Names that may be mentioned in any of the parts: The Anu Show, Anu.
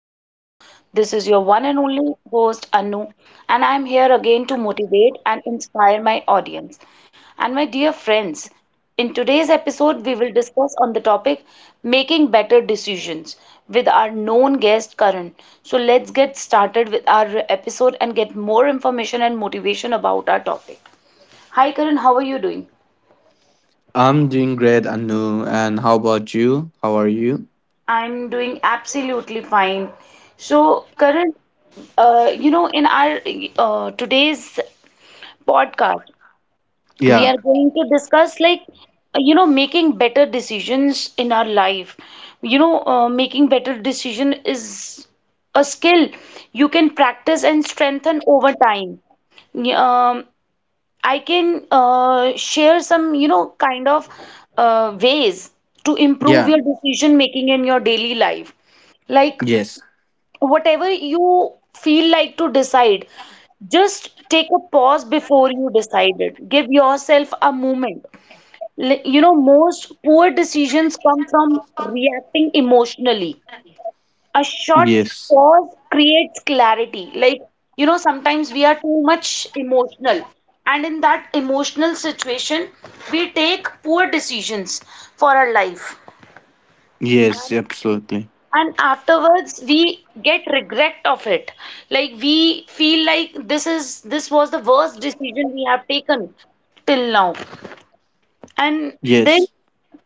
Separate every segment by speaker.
Speaker 1: Anu Show. This is your one and only host, Anu, and I'm here again to motivate and inspire my audience. And my dear friends, in today's episode, we will discuss on the topic making better decisions with our known guest, Karan. So let's get started with our episode and get more information and motivation about our topic. Hi, Karan, how are you doing?
Speaker 2: I'm doing great, Anu. And how about you? How are you?
Speaker 1: I'm doing absolutely fine. So, Karan, you know, in our today's podcast, we
Speaker 2: Yeah,
Speaker 1: are going to discuss, like, you know, making better decisions in our life. You know, making better decision is a skill you can practice and strengthen over time. Um, I can share some, you know, kind of ways to improve
Speaker 2: yeah,
Speaker 1: your decision making in your daily life. Like,
Speaker 2: yes,
Speaker 1: whatever you feel like to decide, just take a pause before you decide it. Give yourself a moment. You know, most poor decisions come from reacting emotionally. A short
Speaker 2: yes,
Speaker 1: pause creates clarity. Like, you know, sometimes we are too much emotional. And in that emotional situation, we take poor decisions for our life.
Speaker 2: yes,
Speaker 1: And,
Speaker 2: absolutely.
Speaker 1: and afterwards, we get regret of it. Like, we feel like this was the worst decision we have taken till now. And then
Speaker 2: Yes,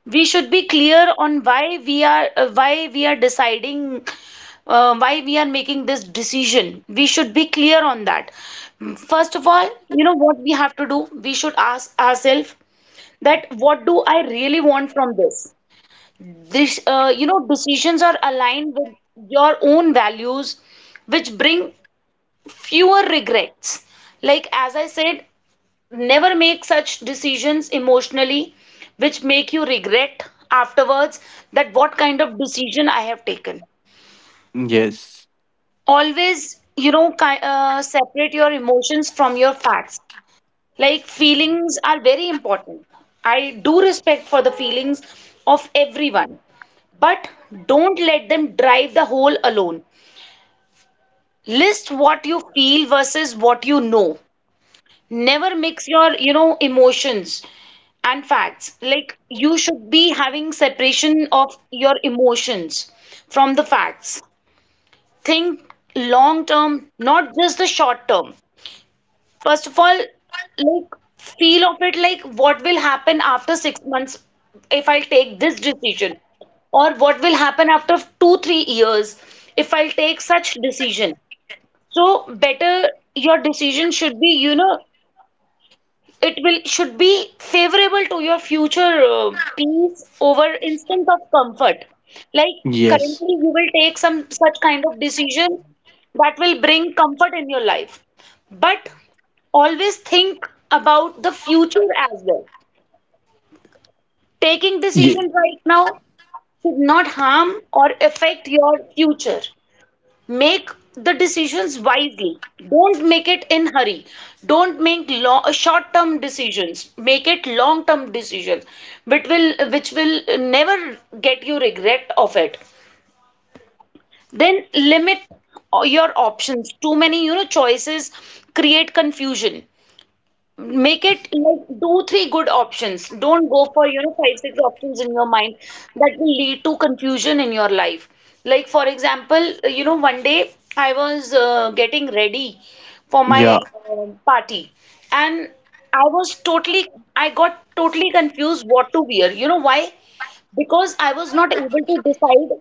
Speaker 1: we should be clear on why we are, why we are deciding, why we are making this decision. We should be clear on that. First of all, you know what we have to do, we should ask ourselves that what do I really want from this? You know, decisions are aligned with your own values which bring fewer regrets. Like, as I said, never make such decisions emotionally which make you regret afterwards, that what kind of decision I have taken.
Speaker 2: yes,
Speaker 1: Always, you know, separate your emotions from your facts. Like, feelings are very important. I do respect for the feelings of everyone, but don't let them drive the whole alone. List what you feel versus what you know. Never mix your, you know, emotions and facts. Like, you should be having separation of your emotions from the facts. Think long term, not just the short term. First of all, like, feel of it, like what will happen after 6 months if I take this decision, or what will happen after 2 3 years if I take such decision. So better your decision should be, you know, it will should be favorable to your future, peace over instant of comfort. Like,
Speaker 2: yes,
Speaker 1: currently, you will take some such kind of decision that will bring comfort in your life. But always think about the future as well. Taking
Speaker 2: yeah,
Speaker 1: decisions right now should not harm or affect your future. Make the decisions wisely. Don't make it in hurry. Don't make long short term decisions, make it long term decisions which will never get you regret of it. Then limit your options. Too many, you know, choices create confusion. Make it like do three good options. Don't go for, you know, five, six options in your mind that will lead to confusion in your life. Like, for example, you know, one day I was getting ready for
Speaker 2: yeah,
Speaker 1: my party, and I was totally, I got totally confused what to wear. You know why? Because I was not able to decide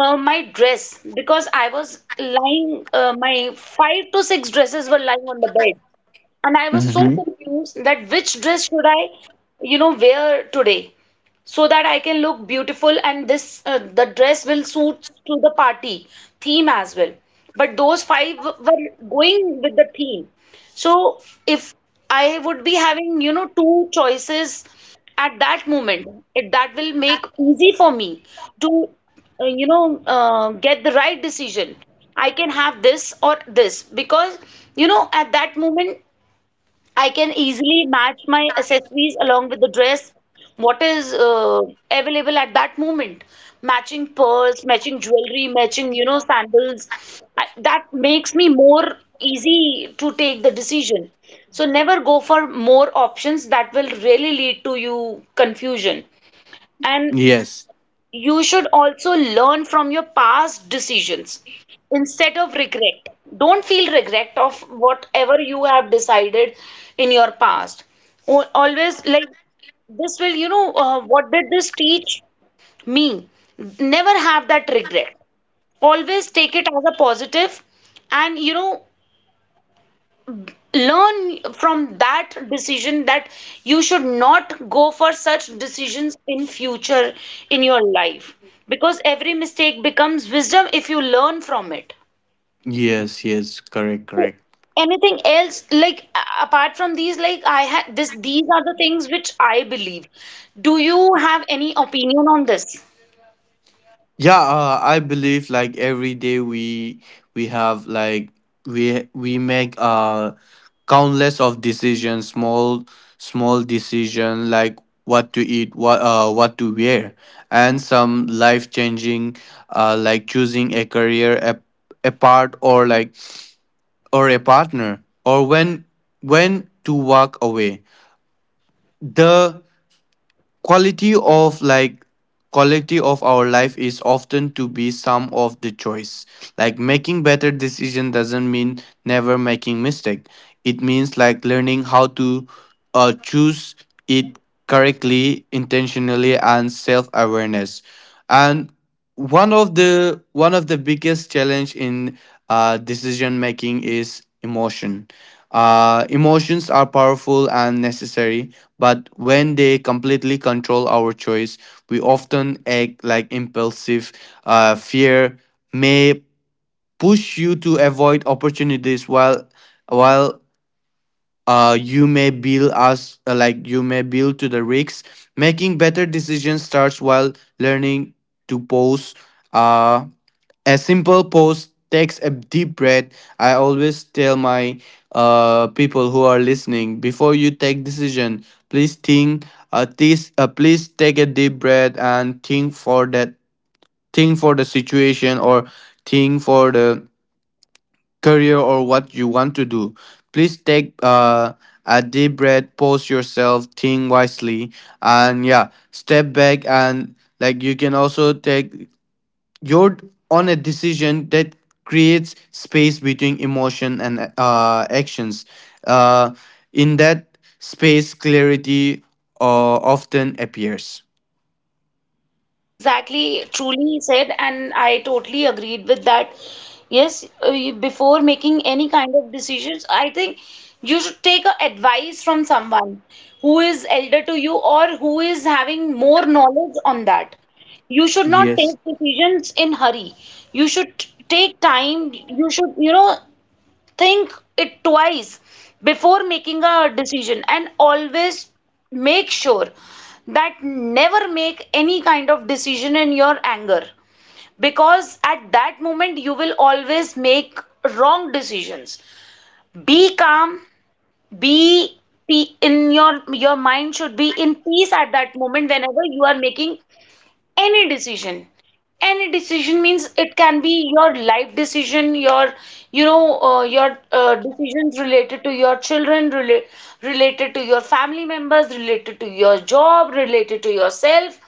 Speaker 1: my dress, because my five to six dresses were lying on the bed, and I was so
Speaker 2: mm-hmm.
Speaker 1: confused that which dress should I, you know, wear today so that I can look beautiful and this the dress will suit to the party theme as well. But those five were going with the theme. So if I would be having, you know, two choices at that moment, that will make easy for me to, you know, get the right decision. I can have this or this because, you know, at that moment I can easily match my accessories along with the dress, what is available at that moment. Matching pearls, matching jewelry, matching, you know, sandals. That makes me more easy to take the decision. So never go for more options, that will really lead to you confusion. And
Speaker 2: Yes,
Speaker 1: you should also learn from your past decisions instead of regret. Don't feel regret of whatever you have decided in your past. Always, like, this will, you know, what did this teach me? Never have that regret. Always take it as a positive and, you know, learn from that decision that you should not go for such decisions in future in your life, because every mistake becomes wisdom if you learn from it.
Speaker 2: yes, yes, correct,
Speaker 1: So,
Speaker 2: correct.
Speaker 1: anything else, like, apart from these, like, I had this these are the things which I believe. Do you have any opinion on this?
Speaker 2: Yeah, I believe like every day we have like we make countless of decisions, small decision, like what to eat, what to wear, and some life changing, like choosing a career, a part, or like, or a partner, or when to walk away. The quality of, like, quality of our life is often to be some of the choice. Like making better decision doesn't mean never making mistake, it means like learning how to choose it correctly, intentionally, and self-awareness. And one of the biggest challenge in decision making is emotion. Emotions are powerful and necessary, but when they completely control our choice we often act like impulsive. Fear may push you to avoid opportunities, while while you may build us, like you may build to the risks. Making better decisions starts while learning to pause. uh, a simple pause takes a deep breath. I always tell my people who are listening, before you take decision, please think. Please take a deep breath and think for that. Think for the situation, or think for the career, or what you want to do. Please take a deep breath, pause yourself, think wisely, and yeah, step back, and like, you can also take, you're on a decision that creates space between emotion and actions. Uh, in that space, clarity uh, often appears.
Speaker 1: Yes, exactly. Truly said, and I totally agreed with that. Yes, before making any kind of decisions, I think you should take a advice from someone who is elder to you or who is having more knowledge on that. You should not
Speaker 2: Yes,
Speaker 1: take decisions in hurry. You should take time. You should, you know, think it twice before making a decision, and always make sure that never make any kind of decision in your anger, because at that moment you will always make wrong decisions. Be calm, be, in your mind should be in peace at that moment whenever you are making any decision. Any decision means it can be your life decision, your, you know, your decisions related to your children, related to your family members, related to your job, related to yourself.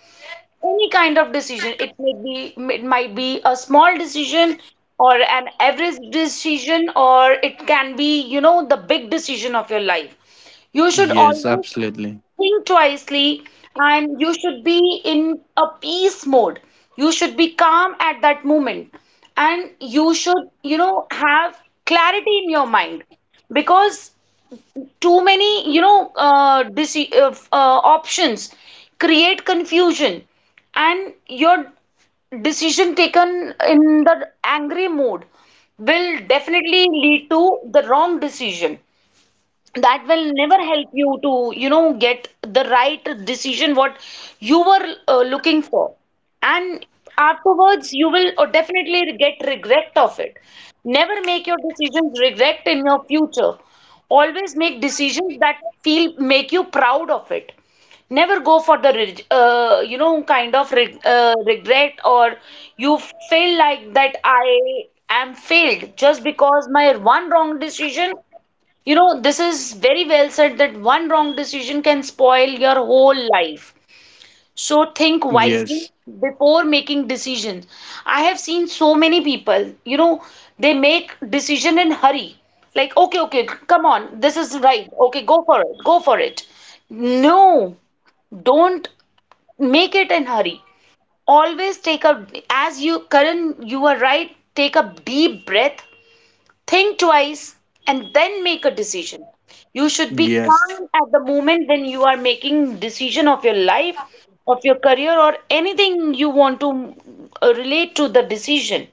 Speaker 1: Any kind of decision it may be, it might be a small decision or an average decision, or it can be, you know, the big decision of your life. You should
Speaker 2: yes,
Speaker 1: always
Speaker 2: absolutely.
Speaker 1: think twicely, and you should be in a peace mode. You should be calm at that moment, and you should, you know, have clarity in your mind, because too many, you know, options create confusion, and your decision taken in the angry mode will definitely lead to the wrong decision that will never help you to, you know, get the right decision what you were looking for. And afterwards you will definitely get regret of it. Never make your decisions regret in your future. Always make decisions that feel make you proud of it. Never go for the you know, kind of regret, or you feel like that I am failed just because my one wrong decision. You know, this is very well said that one wrong decision can spoil your whole life. So think wisely
Speaker 2: Yes,
Speaker 1: before making decisions. I have seen so many people, you know, they make decision in hurry. Like, okay, okay, come on, this is right. Okay, go for it, go for it. No, don't make it in hurry. Always take a, as you, Karan, you are right, take a deep breath. Think twice and then make a decision. You should be
Speaker 2: yes,
Speaker 1: calm at the moment when you are making decision of your life, of your career, or anything you want to relate to the decision.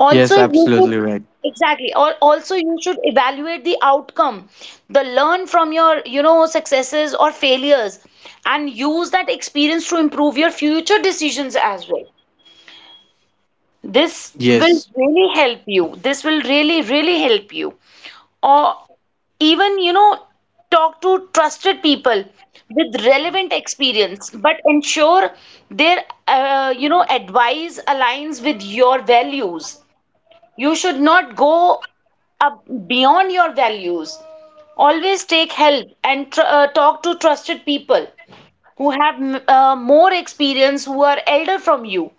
Speaker 1: Also,
Speaker 2: yes,
Speaker 1: you
Speaker 2: absolutely
Speaker 1: should,
Speaker 2: right.
Speaker 1: exactly. Or also, you should evaluate the outcome, the learn from your, you know, successes or failures, and use that experience to improve your future decisions as well. This will
Speaker 2: Yes,
Speaker 1: really help you. This will really really help you. Or even, you know, talk to trusted people with relevant experience, but ensure their, you know, advice aligns with your values. You should not go up beyond your values. Always take help and talk to trusted people who have more experience, who are elder from you.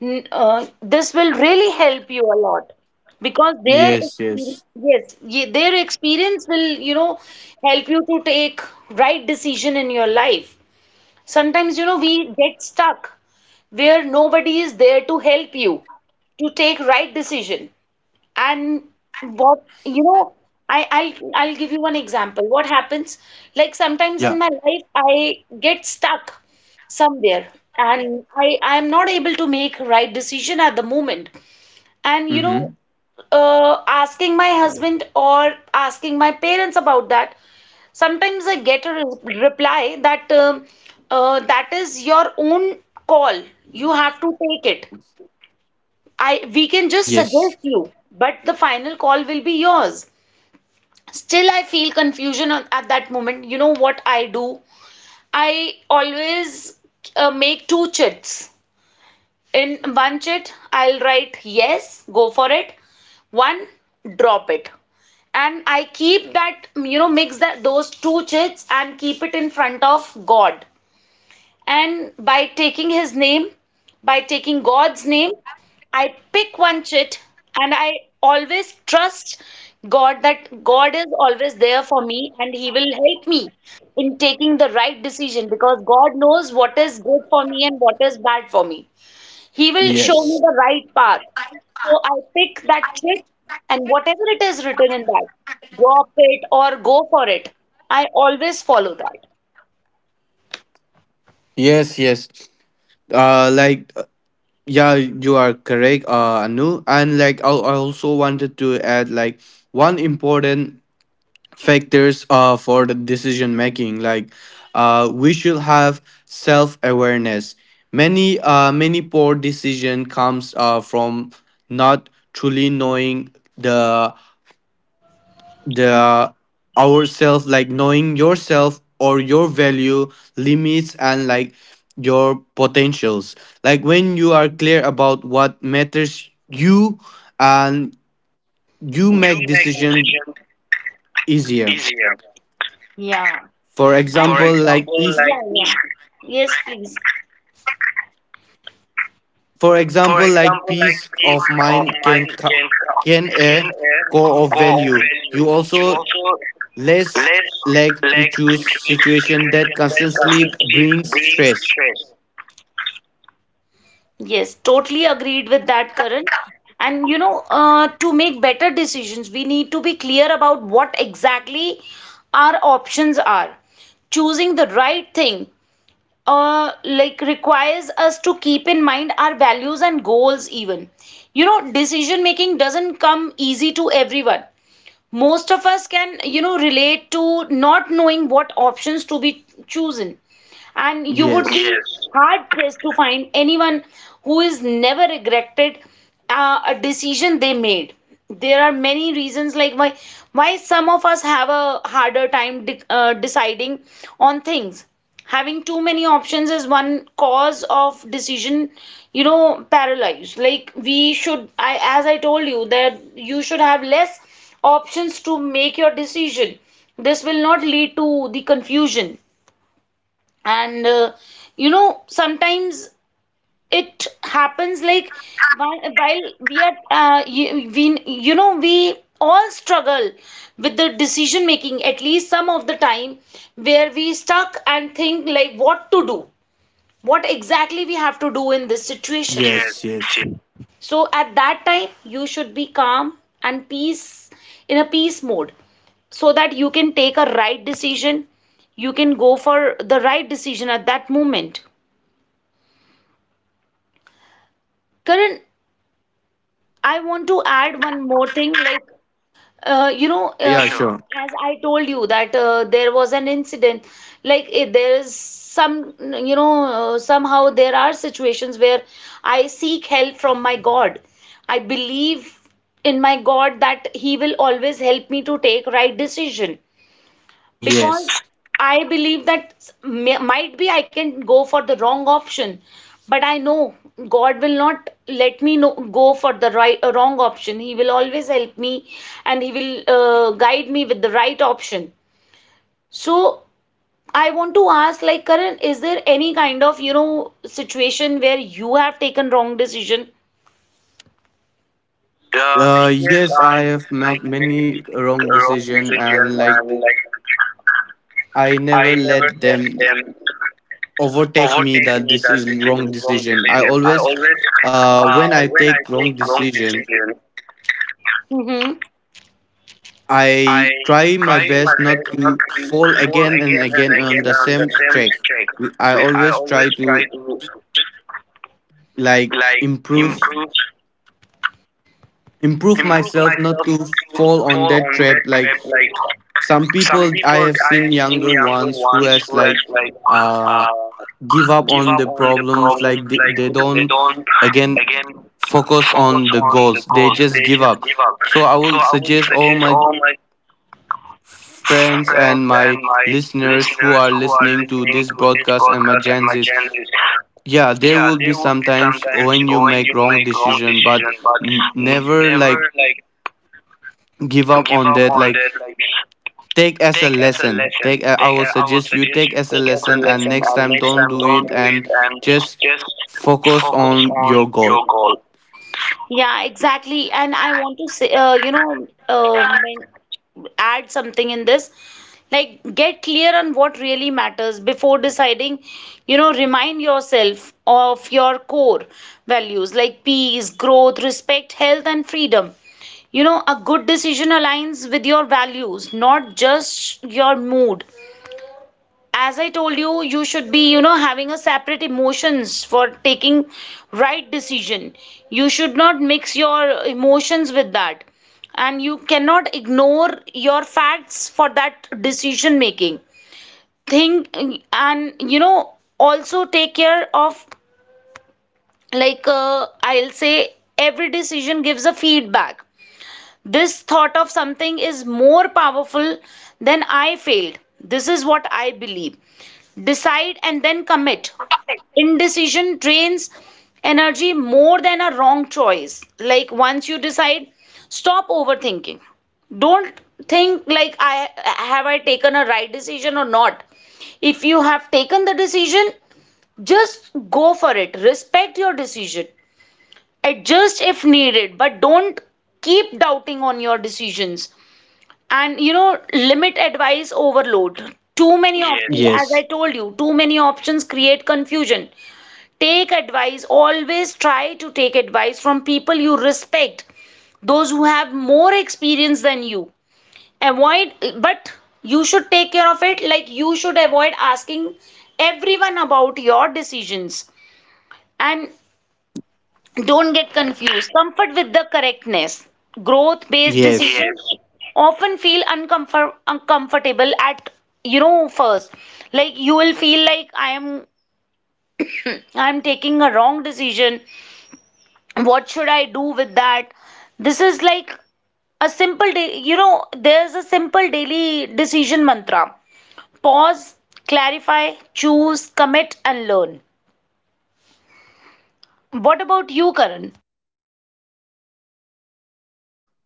Speaker 1: This will really help you a lot, because their
Speaker 2: yes,
Speaker 1: experience,
Speaker 2: yes.
Speaker 1: yes, their experience will, you know, help you to take right decision in your life. Sometimes, you know, we get stuck where nobody is there to help you to take right decision. And what, you know, I'll give you one example. What happens? Like, sometimes in
Speaker 2: Yeah.
Speaker 1: my life, I get stuck somewhere, and I am not able to make right decision at the moment. And, you know,
Speaker 2: Mm-hmm.
Speaker 1: asking my husband or asking my parents about that, sometimes I get a reply that that is your own call. You have to take it. I we can just suggest
Speaker 2: Yes,
Speaker 1: you, but the final call will be yours. Still, I feel confusion at that moment. You know what I do? I always make two chits. In one chit, I'll write yes, go for it. One, drop it. And I keep that, you know, mix that those two chits and keep it in front of God. And by taking his name, by taking God's name, I pick one chit and I always trust God that God is always there for me, and He will help me in taking the right decision because God knows what is good for me and what is bad for me. He will show me
Speaker 2: yes,
Speaker 1: the right path. So I pick that chit, and whatever it is written in that, drop it or go for it. I always follow that.
Speaker 2: yes, yes. Like, yeah, you are correct, Anu. And like, I also wanted to add like one important factors for the decision making. Like, we should have self awareness. Many many poor decision comes from not truly knowing the the ourself, like knowing yourself or your value, limits, and like your potentials. Like when you are clear about what matters you, and you make
Speaker 1: You make
Speaker 2: decision
Speaker 1: decision
Speaker 2: easier.
Speaker 1: easier. Yeah.
Speaker 2: For
Speaker 1: And For think,
Speaker 2: example, like,
Speaker 1: example,
Speaker 2: if
Speaker 1: like yeah, yeah. Yes, please.
Speaker 2: for
Speaker 1: For
Speaker 2: example like
Speaker 1: example, like
Speaker 2: peace
Speaker 1: peace
Speaker 2: of
Speaker 1: of
Speaker 2: mind
Speaker 1: mind
Speaker 2: can can
Speaker 1: can
Speaker 2: a
Speaker 1: a
Speaker 2: core of
Speaker 1: core
Speaker 2: value. You
Speaker 1: value. You
Speaker 2: also
Speaker 1: also
Speaker 2: less
Speaker 1: less
Speaker 2: like to
Speaker 1: like
Speaker 2: choose
Speaker 1: create
Speaker 2: situation that
Speaker 1: situation that
Speaker 2: constantly
Speaker 1: consistently
Speaker 2: brings
Speaker 1: brings
Speaker 2: stress.
Speaker 1: stress. Yes, totally agreed with that, Karan. And you know, to make better decisions, we need to be clear about what exactly our options are. Choosing the right thing like requires us to keep in mind our values and goals. Even, you know, decision making doesn't come easy to everyone. Most of us can, you know, relate to not knowing what options to be chosen, and you would be,
Speaker 2: Yes.
Speaker 1: yes, hard pressed to find anyone who is never regretted a decision they made. There are many reasons, like why some of us have a harder time deciding on things. Having too many options is one cause of decision, you know, paralyzed. Like we should, I as I told you, that you should have less options to make your decision. This will not lead to the confusion. And you know, sometimes it happens like while we are you know, we all struggle with the decision making at least some of the time, where we stuck and think like what to do, what exactly we have to do in this situation. Yes.
Speaker 2: Yes, yes.
Speaker 1: Yes. So at that time you should be calm and peace, in a peace mode, so that you can take a right decision. You can go for the right decision at that moment. Karan, I want to add one more thing, like you know,
Speaker 2: Yeah, yeah,
Speaker 1: sure.
Speaker 2: sure.
Speaker 1: As I told you, that there was an incident, like there is some, you know, somehow there are situations where I seek help from my God. I believe in my God that He will always help me to take right decision,
Speaker 2: Yes.
Speaker 1: because I believe might be I can go for the wrong option, but I know God will not let me know, go for the wrong option. He will always help me, and He will guide me with the right option. So I want to ask, like Karan, is there any kind of, you know, situation where you have taken wrong decision? Uh, yes,
Speaker 2: Yes,
Speaker 1: I
Speaker 2: I have made
Speaker 1: like many
Speaker 2: many wrong
Speaker 1: wrong
Speaker 2: decision,
Speaker 1: decision,
Speaker 2: and
Speaker 1: and
Speaker 2: like
Speaker 1: like
Speaker 2: I
Speaker 1: I
Speaker 2: never
Speaker 1: never
Speaker 2: let
Speaker 1: let
Speaker 2: them
Speaker 1: them
Speaker 2: overtake me
Speaker 1: overtake
Speaker 2: that
Speaker 1: me
Speaker 2: this
Speaker 1: that
Speaker 2: is
Speaker 1: this is a
Speaker 2: wrong
Speaker 1: wrong
Speaker 2: decision. I
Speaker 1: decision. I
Speaker 2: always,
Speaker 1: always,
Speaker 2: when I
Speaker 1: when I
Speaker 2: take
Speaker 1: take
Speaker 2: wrong
Speaker 1: wrong
Speaker 2: decision,
Speaker 1: decision, mm-hmm, I
Speaker 2: I try my
Speaker 1: try my
Speaker 2: best not
Speaker 1: best not
Speaker 2: to
Speaker 1: to
Speaker 2: fall
Speaker 1: fall
Speaker 2: again and
Speaker 1: again and
Speaker 2: again on
Speaker 1: again
Speaker 2: the
Speaker 1: on the
Speaker 2: same
Speaker 1: same
Speaker 2: track.
Speaker 1: mistake.
Speaker 2: I
Speaker 1: I
Speaker 2: always try
Speaker 1: always try
Speaker 2: to,
Speaker 1: to
Speaker 2: like,
Speaker 1: like
Speaker 2: improve
Speaker 1: improve,
Speaker 2: improve
Speaker 1: improve
Speaker 2: myself, not
Speaker 1: myself,
Speaker 2: to
Speaker 1: not to
Speaker 2: fall on
Speaker 1: fall
Speaker 2: that
Speaker 1: on that
Speaker 2: trap, like
Speaker 1: trap. Like
Speaker 2: some
Speaker 1: some
Speaker 2: people I
Speaker 1: people
Speaker 2: have
Speaker 1: I
Speaker 2: seen,
Speaker 1: have seen,
Speaker 2: younger
Speaker 1: younger
Speaker 2: ones who
Speaker 1: ones
Speaker 2: has
Speaker 1: who have
Speaker 2: like,
Speaker 1: like
Speaker 2: uh
Speaker 1: uh,
Speaker 2: give up
Speaker 1: give
Speaker 2: on
Speaker 1: up
Speaker 2: the
Speaker 1: on the
Speaker 2: problems,
Speaker 1: problems.
Speaker 2: like they,
Speaker 1: Like
Speaker 2: they
Speaker 1: they
Speaker 2: don't
Speaker 1: don't
Speaker 2: again
Speaker 1: again
Speaker 2: focus
Speaker 1: focus
Speaker 2: on the
Speaker 1: on the
Speaker 2: goals, they
Speaker 1: goals.
Speaker 2: just
Speaker 1: They
Speaker 2: give
Speaker 1: just
Speaker 2: up.
Speaker 1: give up.
Speaker 2: So I
Speaker 1: So
Speaker 2: will
Speaker 1: I will
Speaker 2: suggest all
Speaker 1: suggest
Speaker 2: my
Speaker 1: all my
Speaker 2: friends
Speaker 1: friends
Speaker 2: and
Speaker 1: and
Speaker 2: my
Speaker 1: my
Speaker 2: listeners who
Speaker 1: listeners
Speaker 2: are
Speaker 1: who are
Speaker 2: listening to
Speaker 1: listening
Speaker 2: this
Speaker 1: to this
Speaker 2: broadcast, and my
Speaker 1: podcast, and
Speaker 2: Gen
Speaker 1: my
Speaker 2: Zs,
Speaker 1: Gen Zs,
Speaker 2: yeah, there
Speaker 1: yeah,
Speaker 2: will be
Speaker 1: there will be
Speaker 2: sometimes
Speaker 1: sometimes
Speaker 2: when you
Speaker 1: when
Speaker 2: make
Speaker 1: you
Speaker 2: wrong
Speaker 1: make wrong
Speaker 2: decision, but
Speaker 1: decision, but n-
Speaker 2: never
Speaker 1: never
Speaker 2: like
Speaker 1: like
Speaker 2: give up
Speaker 1: give
Speaker 2: on
Speaker 1: up
Speaker 2: that.
Speaker 1: on
Speaker 2: Like
Speaker 1: that. Like
Speaker 2: take as a
Speaker 1: take as a
Speaker 2: lesson,
Speaker 1: lesson.
Speaker 2: take, I
Speaker 1: Take
Speaker 2: will
Speaker 1: I would
Speaker 2: suggest you,
Speaker 1: suggest
Speaker 2: take
Speaker 1: you
Speaker 2: as a
Speaker 1: take as a
Speaker 2: lesson, and
Speaker 1: lesson,
Speaker 2: next
Speaker 1: and
Speaker 2: time
Speaker 1: next
Speaker 2: don't
Speaker 1: time
Speaker 2: do
Speaker 1: don't
Speaker 2: it,
Speaker 1: do it
Speaker 2: and
Speaker 1: and
Speaker 2: just
Speaker 1: just
Speaker 2: focus
Speaker 1: focus
Speaker 2: on
Speaker 1: on
Speaker 2: your goal.
Speaker 1: your goal. Yeah, exactly. And I want to say, you know, um, add something in this, like get clear on what really matters before deciding. You know, remind yourself of your core values, like peace, growth, respect, health, and freedom. You know, a good decision aligns with your values, not just your mood. As I told you, you should be, you know, having a separate emotions for taking right decision. You should not mix your emotions with that, and you cannot ignore your facts for that decision making. Think, and you know, also take care of, like, I'll say every decision gives a feedback. This thought of something is more powerful than I failed. This is what I believe. Decide and then commit. Indecision drains energy more than a wrong choice. Like once you decide, stop overthinking. Don't think like, I, have I taken a right decision or not? If you have taken the decision, just go for it. Respect your decision. Adjust if needed, but don't keep doubting on your decisions. And you know, limit advice overload. Too many options, yes, as I
Speaker 2: Yes,
Speaker 1: told you, too many options create confusion. Take advice, always try to take advice from people you respect, those who have more experience than you. Avoid, but you should take care of it, like you should avoid asking everyone about your decisions. And don't get confused. Comfort with the correctness. Growth based
Speaker 2: yes.
Speaker 1: decisions, yes, often feel uncomfortable at, you know, first. Like you will feel like I am, I am taking a wrong decision. What should I do with that? This is like a simple day you know, there's a simple daily decision mantra. Pause, clarify, choose, commit, and learn. What about you, Karan?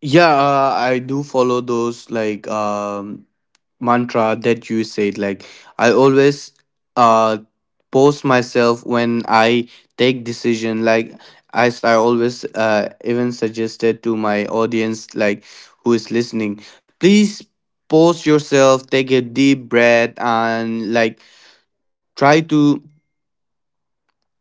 Speaker 2: Yeah, I do follow those, like, mantra that you said. Like, I always uh post myself when I take decision, like, as I always even suggested to my audience, like, who is listening, please pause yourself, take a deep breath, and like, try to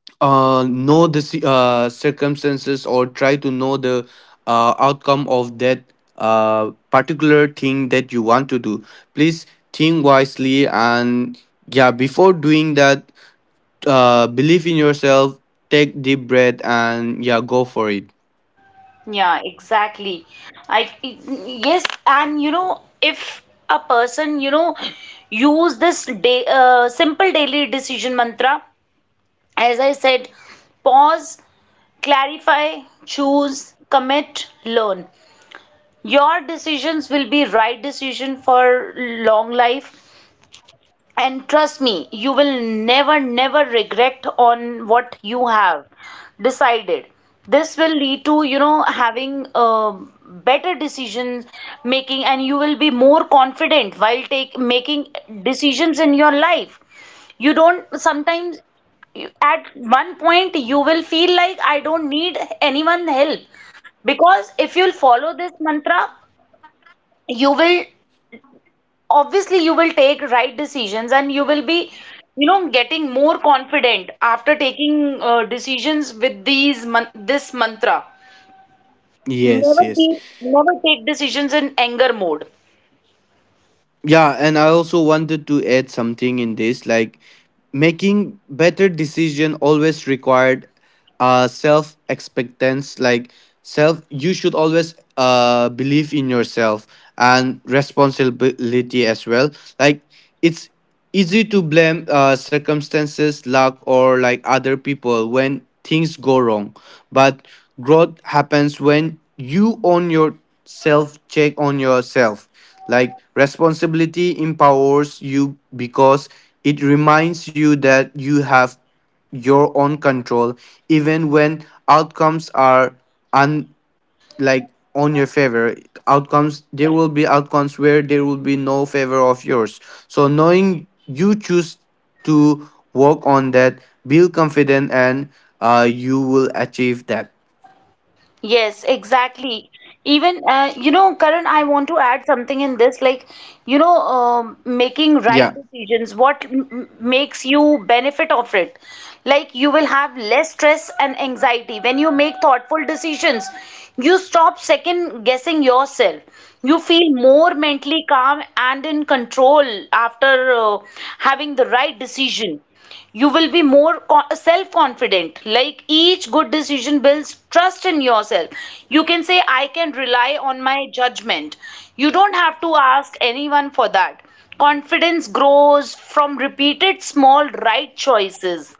Speaker 2: know the circumstances, or try to know the outcome of that particular thing that you want to do. Please think wisely, and yeah, before doing that, believe in yourself, take deep breath, and yeah, go for it.
Speaker 1: Yeah, exactly. I Yes, and you know, if a person, you know, use this day simple daily decision mantra, as I said, pause, clarify, choose, commit, learn. Your decisions will be right decision for long life, and trust me, you will never never regret on what you have decided. This will lead to, you know, having better decision making, and you will be more confident while take making decisions in your life. You don't sometimes, at one point you will feel like, I don't need anyone help, because if you'll follow this mantra, you will obviously, you will take right decisions, and you will be, you know, getting more confident after taking decisions with this mantra.
Speaker 2: Yes, yes.
Speaker 1: Never take decisions in anger mode.
Speaker 2: Yeah, and I also wanted to add something in this, like, making better decision always required self expectance, like self you should always believe in yourself, and responsibility as well. Like, it's easy to blame circumstances, luck, or like other people, when things go wrong. But growth happens when you own yourself, check on yourself. Like, responsibility empowers you, because it reminds you that you have your own control, even when outcomes are, like, on your favor. Outcomes, there will be outcomes where there will be no favor of yours. So knowing you choose to work on that, build confident, and you will achieve that.
Speaker 1: Yes, exactly. Even, you know, Karan, I want to add something in this, like you know, making right
Speaker 2: Yeah.
Speaker 1: decisions, what makes you benefit of it. Like you will have less stress and anxiety when you make thoughtful decisions. You stop second guessing yourself. You feel more mentally calm and in control after having the right decision. You will be more self confident. Like each good decision builds trust in yourself. You can say, I can rely on my judgment. You don't have to ask anyone for that. Confidence grows from repeated small right choices.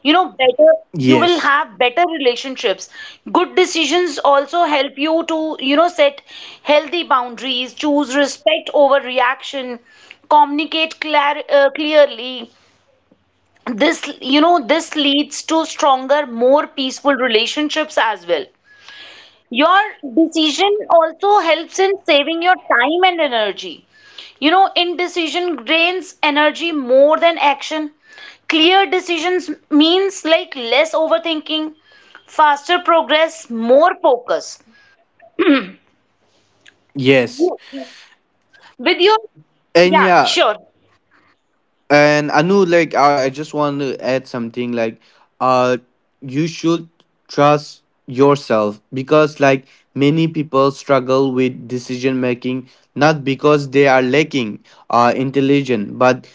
Speaker 1: You know, better, you will
Speaker 2: Yes,
Speaker 1: have better relationships. Good decisions also help you to, you know, set healthy boundaries, choose respect over reaction, communicate clearly. This, you know, this leads to stronger, more peaceful relationships as well. Your decision also helps in saving your time and energy. You know, indecision drains energy more than action. Clear decisions means like less overthinking, faster progress, more focus.
Speaker 2: yes.
Speaker 1: You- With your,
Speaker 2: And
Speaker 1: yeah,
Speaker 2: yeah,
Speaker 1: sure,
Speaker 2: and, Anu, like, I just want to add something, like, uh you should trust yourself, because like many people struggle with decision making, not because they are lacking intelligence, but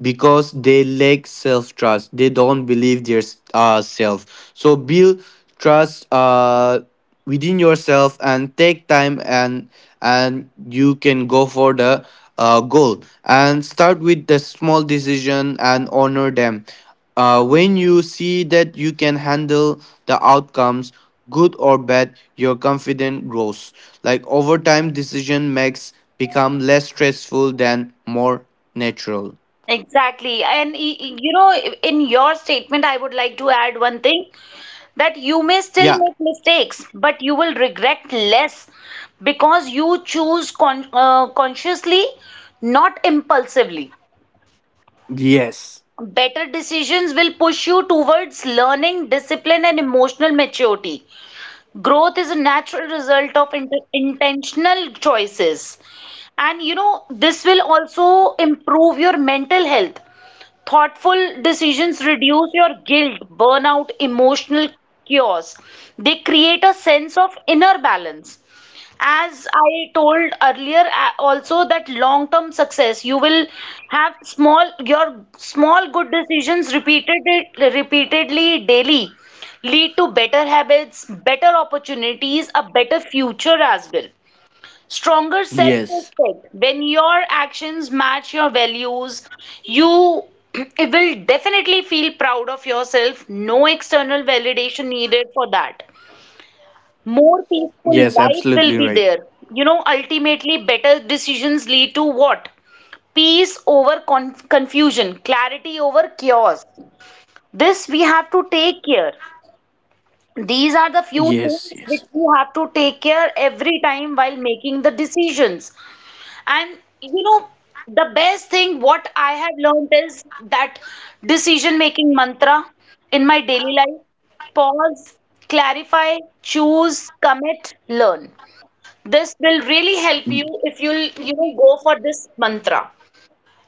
Speaker 2: because they lack self trust, they don't believe their self. So build trust within yourself and take time, and you can go for the goal, and start with the small decision and honor them, when you see that you can handle the outcomes, good or bad, your confidence grows. Like over time, decision makes become less stressful than more natural.
Speaker 1: exactly. And you know, in your statement, I would like to add one thing, that you may still
Speaker 2: Yeah.
Speaker 1: make mistakes, but you will regret less because you choose consciously, not impulsively.
Speaker 2: Yes.
Speaker 1: Better decisions will push you towards learning, discipline, and emotional maturity. Growth is a natural result of intentional choices. And you know, this will also improve your mental health. Thoughtful decisions reduce your guilt, burnout, emotional chaos. They create a sense of inner balance. As I told earlier, also that long term success, you will have small, your small good decisions repeatedly daily, lead to better habits, better opportunities, a better future as well, stronger self
Speaker 2: Yes.
Speaker 1: respect when your actions match your values. You it will definitely feel proud of yourself. No external validation needed for that. More peaceful
Speaker 2: Yes.
Speaker 1: life will
Speaker 2: Absolutely
Speaker 1: be
Speaker 2: right.
Speaker 1: there. You know, ultimately better decisions lead to what? Peace over confusion, clarity over chaos. This we have to take care. These are the few
Speaker 2: Yes.
Speaker 1: things which
Speaker 2: Yes.
Speaker 1: we have to take care every time while making the decisions. And you know, the best thing what I have learned is that decision making mantra in my daily life: pause, clarify, choose, commit, learn. This will really help you if you'll, you know, go for this mantra.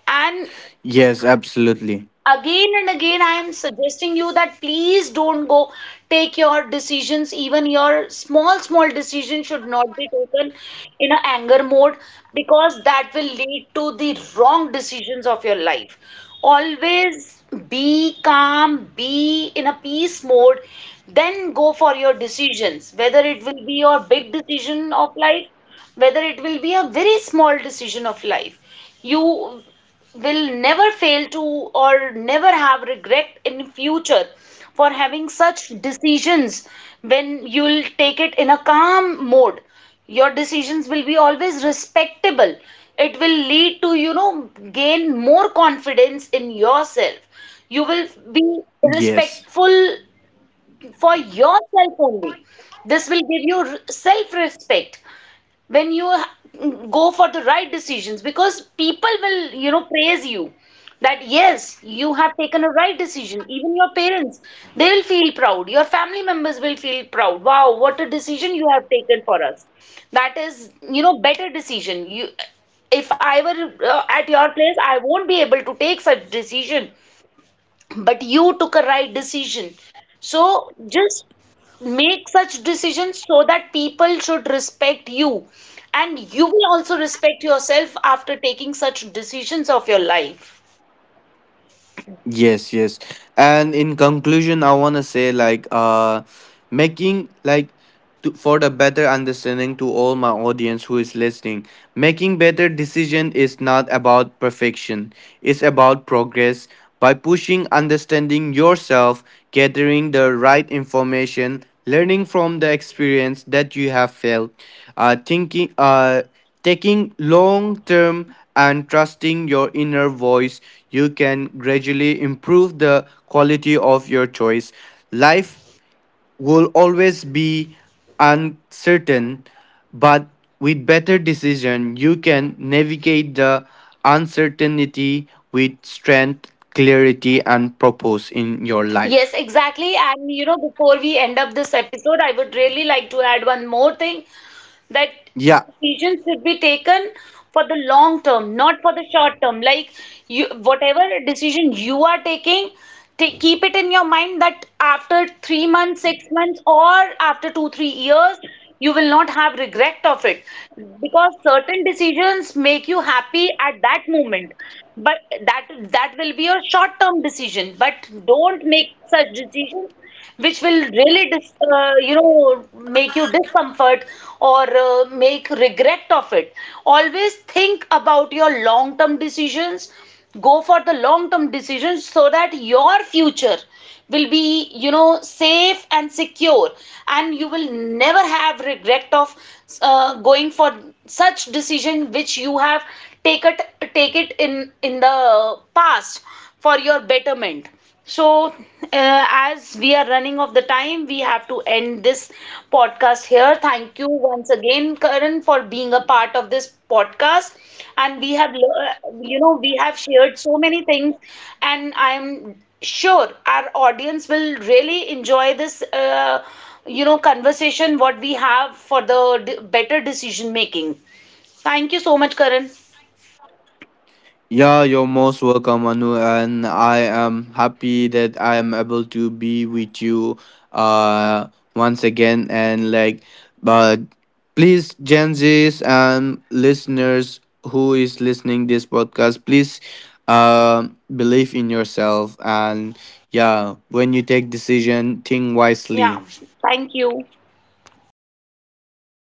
Speaker 1: And
Speaker 2: Yes. Absolutely.
Speaker 1: again and again, I am suggesting you that please don't go, take your decisions, even your small, small decision, should not be taken in an anger mode, because that will lead to the wrong decisions of your life. Always be calm, be in a peace mode, then go for your decisions. Whether it will be your big decision of life, whether it will be a very small decision of life, you will never fail to, or never have regret in future for having such decisions when you'll take it in a calm mode. Your decisions will be always respectable. It will lead to, you know, gain more confidence in yourself. You will be
Speaker 2: Yes.
Speaker 1: respectful for yourself only. This will give you self respect when you go for the right decisions, because people will, you know, praise you, that yes, you have taken a right decision. Even your parents, they will feel proud. Your family members will feel proud. Wow, what a decision you have taken for us. That is, you know, better decision. You, if I were, at your place, I won't be able to take such decision, but you took a right decision. So just make such decisions so that people should respect you, and you will also respect yourself after taking such decisions of your life.
Speaker 2: Yes, yes. And in conclusion, I want to say, like, making like for the better understanding to all my audience who is listening, making better decision is not about perfection. It's about progress, by pushing, understanding yourself, gathering the right information, learning from the experience that you have felt, thinking, taking long term, and trusting your inner voice, you can gradually improve the quality of your choice. Life will always be uncertain, but with better decision, you can navigate the uncertainty with strength, clarity, and purpose in your
Speaker 1: Yes,
Speaker 2: life.
Speaker 1: exactly. And you know, before we end up this episode, I would really like to add one more thing, that
Speaker 2: Yeah,
Speaker 1: decisions should be taken for the long term, not for the short term. Like you, whatever decision you are taking, take, keep it in your mind that after 3 months, 6 months, or after two, 3 years, you will not have regret of it, because certain decisions make you happy at that moment. But that that will be your short term decision, but don't make such decisions which will really dis you know, make you discomfort, or make regret of it. Always think about your long term decisions. Go for the long term decisions so that your future will be, you know, safe and secure, and you will never have regret of going for such decision which you have take it take it in the past for your betterment. So, as we are running of the time, we have to end this podcast here. Thank you once again, Karan, for being a part of this podcast. And we have, you know, we have shared so many things, and I'm sure our audience will really enjoy this, you know, conversation what we have for the better decision making. Thank you so much, Karan.
Speaker 2: yeah, you're most welcome, Anu, and I am happy that I am able to be with you uh once again, and like, but please Gen Z's and listeners who is listening this podcast, please, uh, believe in yourself, and yeah, when you take decision, think
Speaker 1: Yeah,
Speaker 2: wisely.
Speaker 1: thank you.